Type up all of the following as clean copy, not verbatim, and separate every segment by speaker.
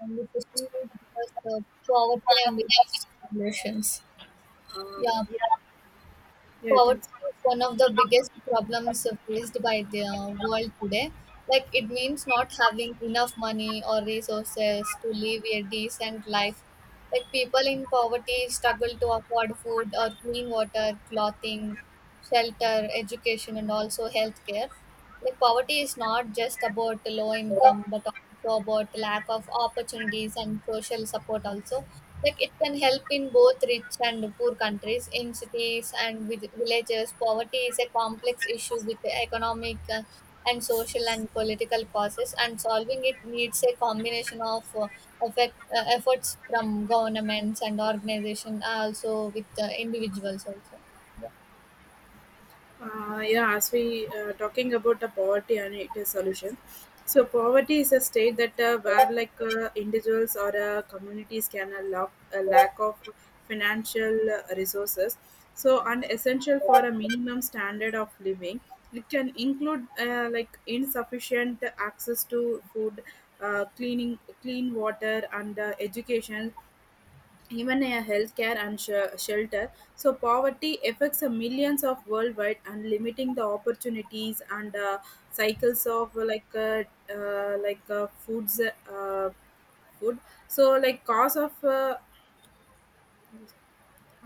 Speaker 1: Conversation will discuss the poverty and its solutions.
Speaker 2: Uh,
Speaker 1: Yeah,
Speaker 2: yeah, yeah, you can.
Speaker 1: poverty is one of the biggest problems faced by the world today. Like it means not having enough money or resources to live a decent life. Like people in poverty struggle to afford food or clean water, clothing, shelter, education, and also healthcare. Like poverty is not just about low income but also about lack of opportunities and social support also. Like it can help in both rich and poor countries, in cities and with villages. Poverty is a complex issue with economic and social and political causes, and solving it needs a combination of efforts from governments and organization, also with individuals also.
Speaker 2: Yeah, as we talking about the poverty and its solution. So poverty is a state that where individuals or communities can lack of financial resources. So and essential for a minimum standard of living. It can include like insufficient access to food, clean water, and education, even a healthcare and shelter. So poverty affects a millions of worldwide and limiting the opportunities and cycles of like like foods. Food, so like cause of uh,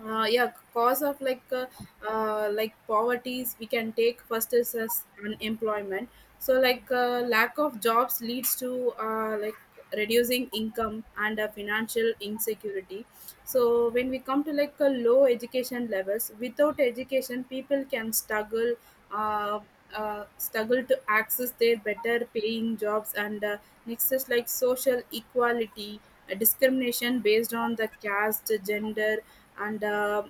Speaker 2: uh, yeah, cause of like poverties we can take first is as unemployment. So like lack of jobs leads to like reducing income and financial insecurity. So when we come to like a low education levels, without education people can uh, struggle to access their better paying jobs. And next is like social equality. Discrimination based on the caste, gender and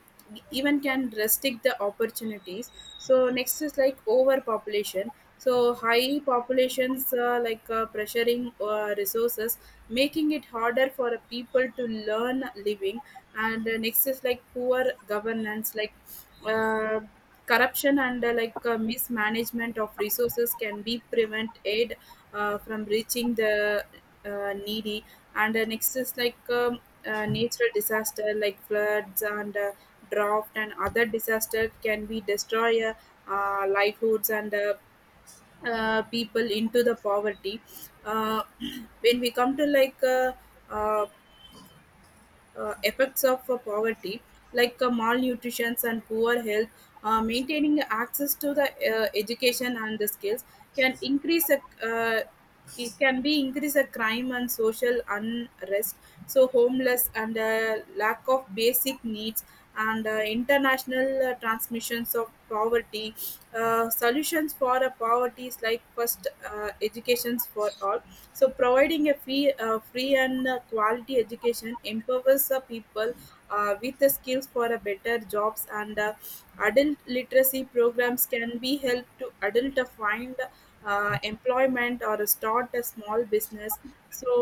Speaker 2: even can restrict the opportunities. So next is like overpopulation. So high populations like pressuring resources, making it harder for a people to learn living. And next is like poor governance, like uh, corruption and like mismanagement of resources can be prevent aid from reaching the needy. And next is like natural disaster like floods and drought and other disaster can be destroy livelihoods and people into the poverty. uh, when we come to like uh, effects of poverty, like malnutrition and poor health, maintaining access to the education and the skills can uh, it can be increase a crime and social unrest. So homeless and lack of basic needs and international transmissions of poverty. Solutions for a poverty is like first educations for all. So providing a free and quality education empowers the people with the skills for a better jobs. And adult literacy programs can be help to adult to find employment or start a small business. So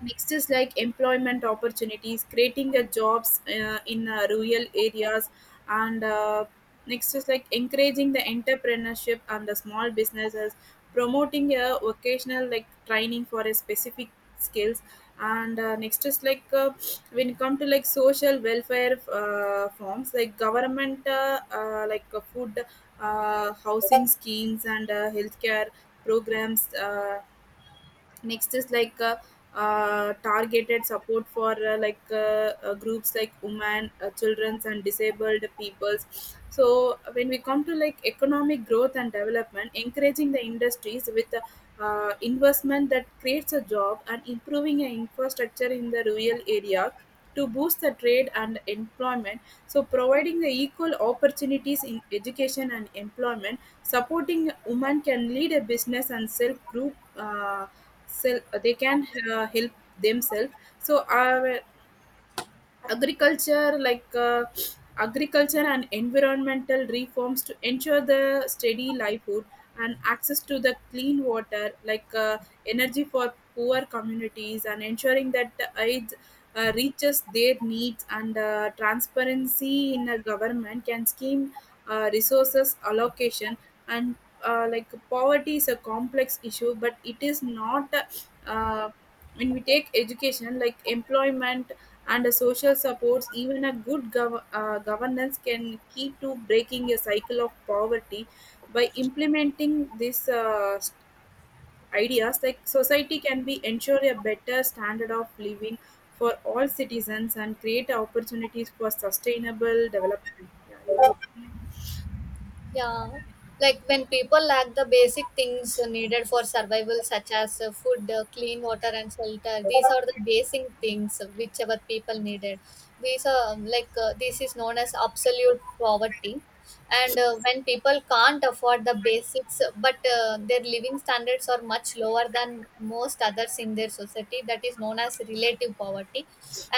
Speaker 2: next is like employment opportunities, creating a jobs in rural areas, and next is like encouraging the entrepreneurship and the small businesses, promoting a vocational like training for a specific skills. And next is like when it come to like social welfare forms like government like food, housing schemes and healthcare programs. Next is like targeted support for groups like women, children's and disabled peoples. So when we come to like economic growth and development, encouraging the industries with investment that creates a job and improving an infrastructure in the rural area to boost the trade and employment. So providing the equal opportunities in education and employment, supporting women can lead a business and self. They can help themselves. So agriculture like uh, agriculture and environmental reforms to ensure the steady livelihood and access to the clean water, like energy for poor communities and ensuring that the aid reaches their needs and transparency in a government can scheme resources allocation. And like poverty is a complex issue but it is not. uh, when we take education, like employment and social supports, even a good governance can key to breaking a cycle of poverty. By implementing these ideas, like society can be ensure a better standard of living for all citizens and create opportunities for sustainable development. Yeah, your opinion?
Speaker 1: Yeah, like when people lack the basic things needed for survival, such as food, clean water, and shelter, these are the basic things whichever people needed. These are this is known as absolute poverty. And when people can't afford the basics, but their living standards are much lower than most others in their society, that is known as relative poverty.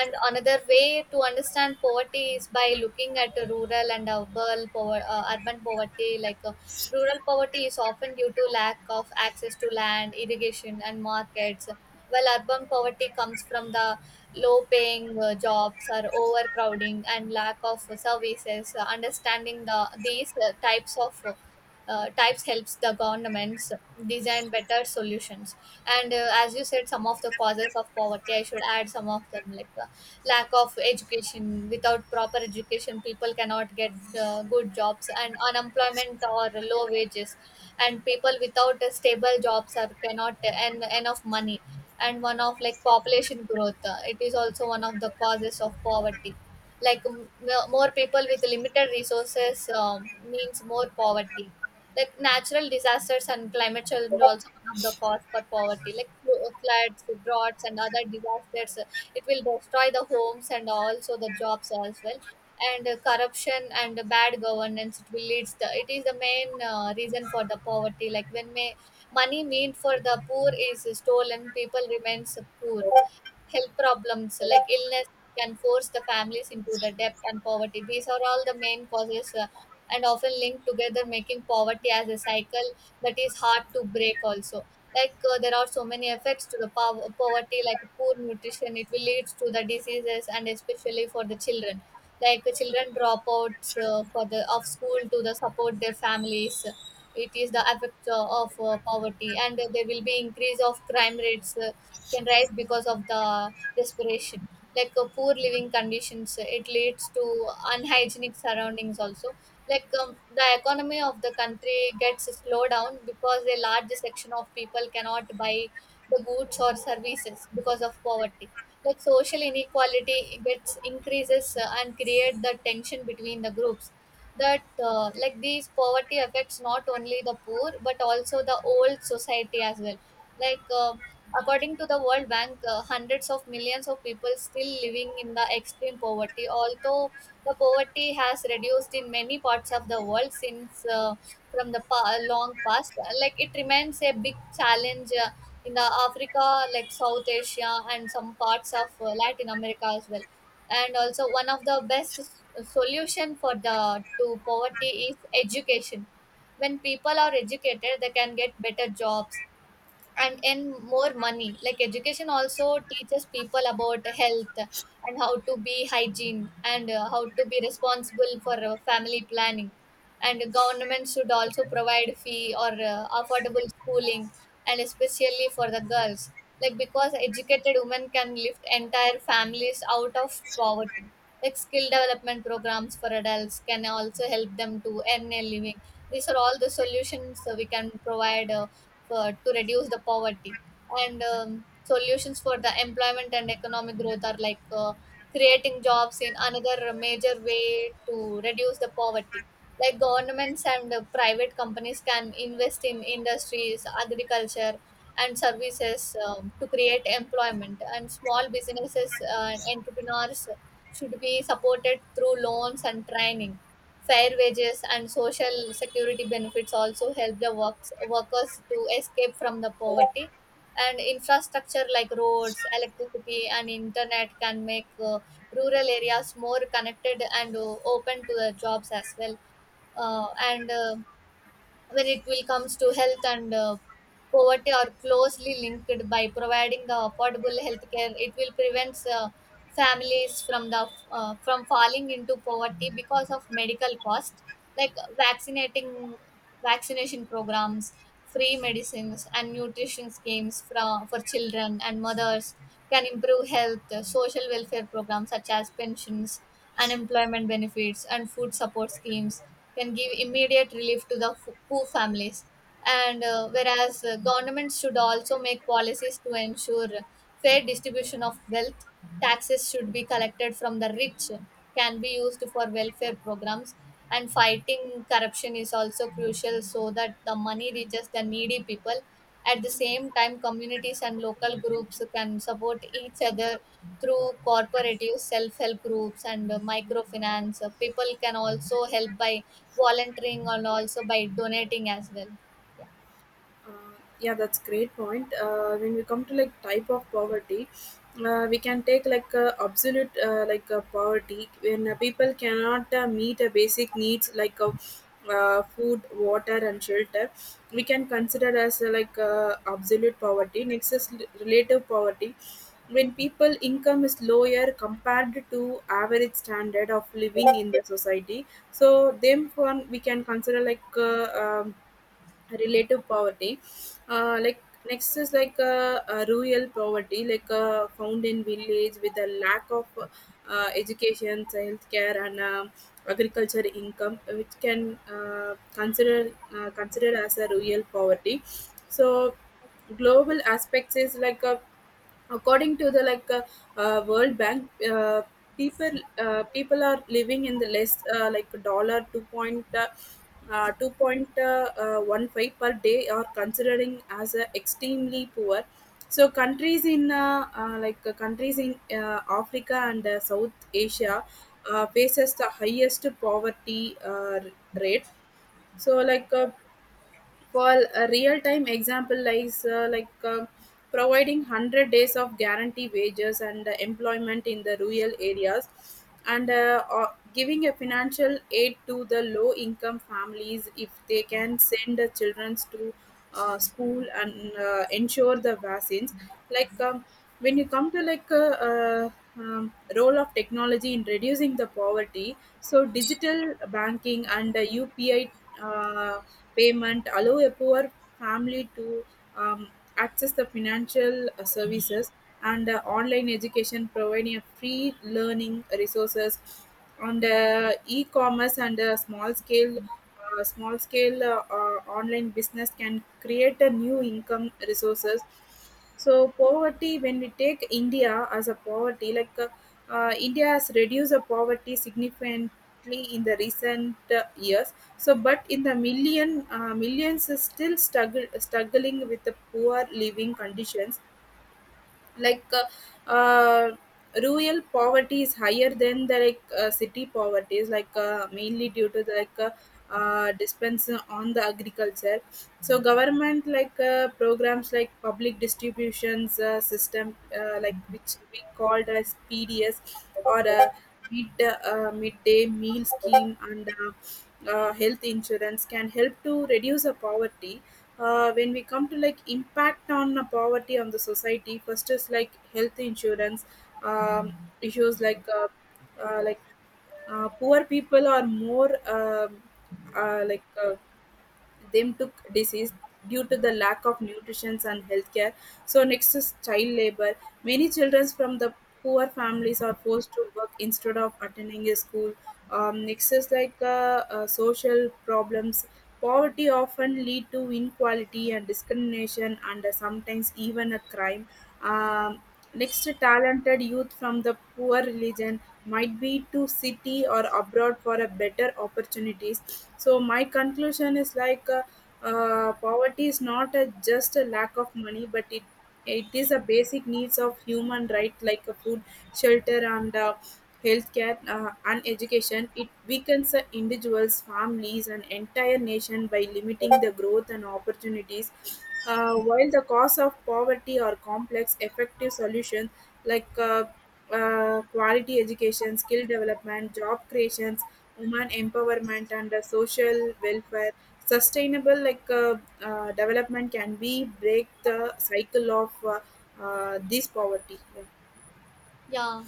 Speaker 1: And another way to understand poverty is by looking at the rural and urban, urban poverty. Rural poverty is often due to lack of access to land, irrigation, and markets, while urban poverty comes from the low paying jobs, or overcrowding and lack of services. Understanding these types of types helps the governments design better solutions. And as you said, some of the causes of poverty I should add some of them, like lack of education. Without proper education people cannot get good jobs, and unemployment or low wages, and people without stable jobs are cannot earn enough money. And one of like population growth, it is also one of the causes of poverty, like more people with limited resources means more poverty. Like natural disasters and climate change are also one of the cause for poverty. Like floods, droughts, and other disasters, it will destroy the homes and also the jobs as well. And corruption and bad governance, it will leads the. It is the main reason for the poverty. Like money meant for the poor is stolen, people remains poor. Health problems, so like illness can force the families into the debt and poverty. These are all the main causes, and often linked together, making poverty as a cycle that is hard to break. Also, like there are so many effects to the poverty, like poor nutrition, it will lead to the diseases and especially for the children. Like children drop out for the of school to the support their families. It is the effect of poverty. And there will be increase of crime rates. Can rise because of the desperation. Like poor living conditions, it leads to unhygienic surroundings also. Like the economy of the country gets slowed down because a large section of people cannot buy the goods or services because of poverty. Like social inequality gets increases, and create the tension between the groups. That, like these poverty affects not only the poor but also the old society as well. like uh, According to the World Bank, hundreds of millions of people still living in the extreme poverty. Although the poverty has reduced in many parts of the world since from the long past, it remains a big challenge in the Africa, like South Asia, and some parts of Latin America as well. And also, one of the best solution for the to poverty is education. When people are educated, they can get better jobs and earn more money. Like education also teaches people about health and how to be hygiene, and how to be responsible for family planning. And government should also provide fee or affordable schooling, and especially for the girls. Like because educated women can lift entire families out of poverty. Like skill development programs for adults can also help them to earn a living. These are all the solutions we can provide for to reduce the poverty. And solutions for the employment and economic growth are like creating jobs, in another major way to reduce the poverty. Like governments and private companies can invest in industries, agriculture and services, to create employment. And small businesses and entrepreneurs should be supported through loans and training. Fair wages and social security benefits also help the workers to escape from the poverty. And infrastructure like roads, electricity, and internet can make rural areas more connected and open to the jobs as well. And When it will comes to health and poverty are closely linked, by providing the affordable health care it will prevent families from the from falling into poverty because of medical cost. Like vaccinating vaccination programs, free medicines and nutrition schemes for children and mothers can improve health. Social welfare programs such as pensions, unemployment benefits, and food support schemes can give immediate relief to the poor families. And whereas governments should also make policies to ensure fair distribution of wealth, taxes should be collected from the rich, can be used for welfare programs, and fighting corruption is also crucial so that the money reaches the needy people. At the same time, communities and local groups can support each other through cooperative self help groups and microfinance. People can also help by volunteering and also by donating as well.
Speaker 2: Uh, yeah, that's great point. When we come to like type of poverty, we can take like absolute poverty when people cannot meet basic needs like food, water, and shelter. We can consider as absolute poverty. Next is relative poverty. When people income is lower compared to average standard of living in the society, so them one we can consider like relative poverty, like next is like rural poverty, like found in village with a lack of education, healthcare and agriculture income, which can considered as a rural poverty. So global aspects is like a, according to the like World Bank, people people are living in the less like dollar 2 point 2.15 per day are considering as extremely poor. So countries in like countries in Africa and South Asia faces the highest poverty rate. So like for a real-time example lies like providing 100 days of guarantee wages and employment in the rural areas, and or giving a financial aid to the low-income families if they can send the children to school and ensure the vaccines, like when you come to like a, uh, role of technology in reducing the poverty. So digital banking and UPI uh, payment allow a poor family to um, access the financial services and online education providing a free learning resources on the e-commerce and a small scale online business can create a new income resources. So poverty, when we take India as a poverty, like India has reduced the poverty significantly in the recent years. So but in the millions is still struggling with the poor living conditions, like rural poverty is higher than the like city poverty, is like mainly due to the like depends on the agriculture. So government like programs like public distributions system, like which we called as PDS or midday meal scheme and health insurance can help to reduce the poverty. When we come to like impact on poverty on the society, first is like health insurance. um, Issues like uh, like poor people are more uh, like uh, them to disease due to the lack of nutrition and healthcare. So next is child labor. Many children from the poor families are forced to work instead of attending a school. Next is like social problems. Poverty often lead to inequality and discrimination and sometimes even a crime. Um, Next, talented youth from the poor religion might be to city or abroad for a better opportunities. So my conclusion is like poverty is not a, just a lack of money but it is a basic needs of human right, like a food, shelter and healthcare and education. It weakens individuals, families and entire nation by limiting the growth and opportunities. While the cause of poverty are complex, effective solutions like quality education, skill development, job creations, women empowerment, and social welfare. Sustainable like development can be break the cycle of this poverty. Yeah.
Speaker 1: Yeah,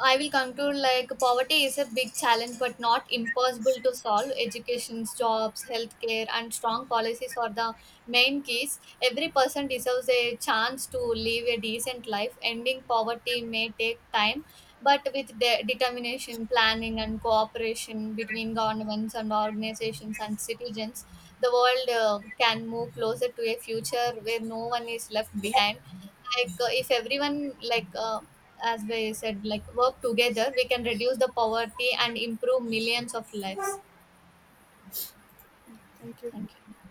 Speaker 1: I will conclude like poverty is a big challenge but not impossible to solve. Education, jobs, healthcare, and strong policies are the main keys. Every person deserves a chance to live a decent life. Ending poverty may take time, but with determination, planning, and cooperation between governments and organizations and citizens, the world can move closer to a future where no one is left behind. Like, if everyone, as we said, like work together, we can reduce the poverty and improve millions of lives.
Speaker 2: Thank you.
Speaker 1: Thank you.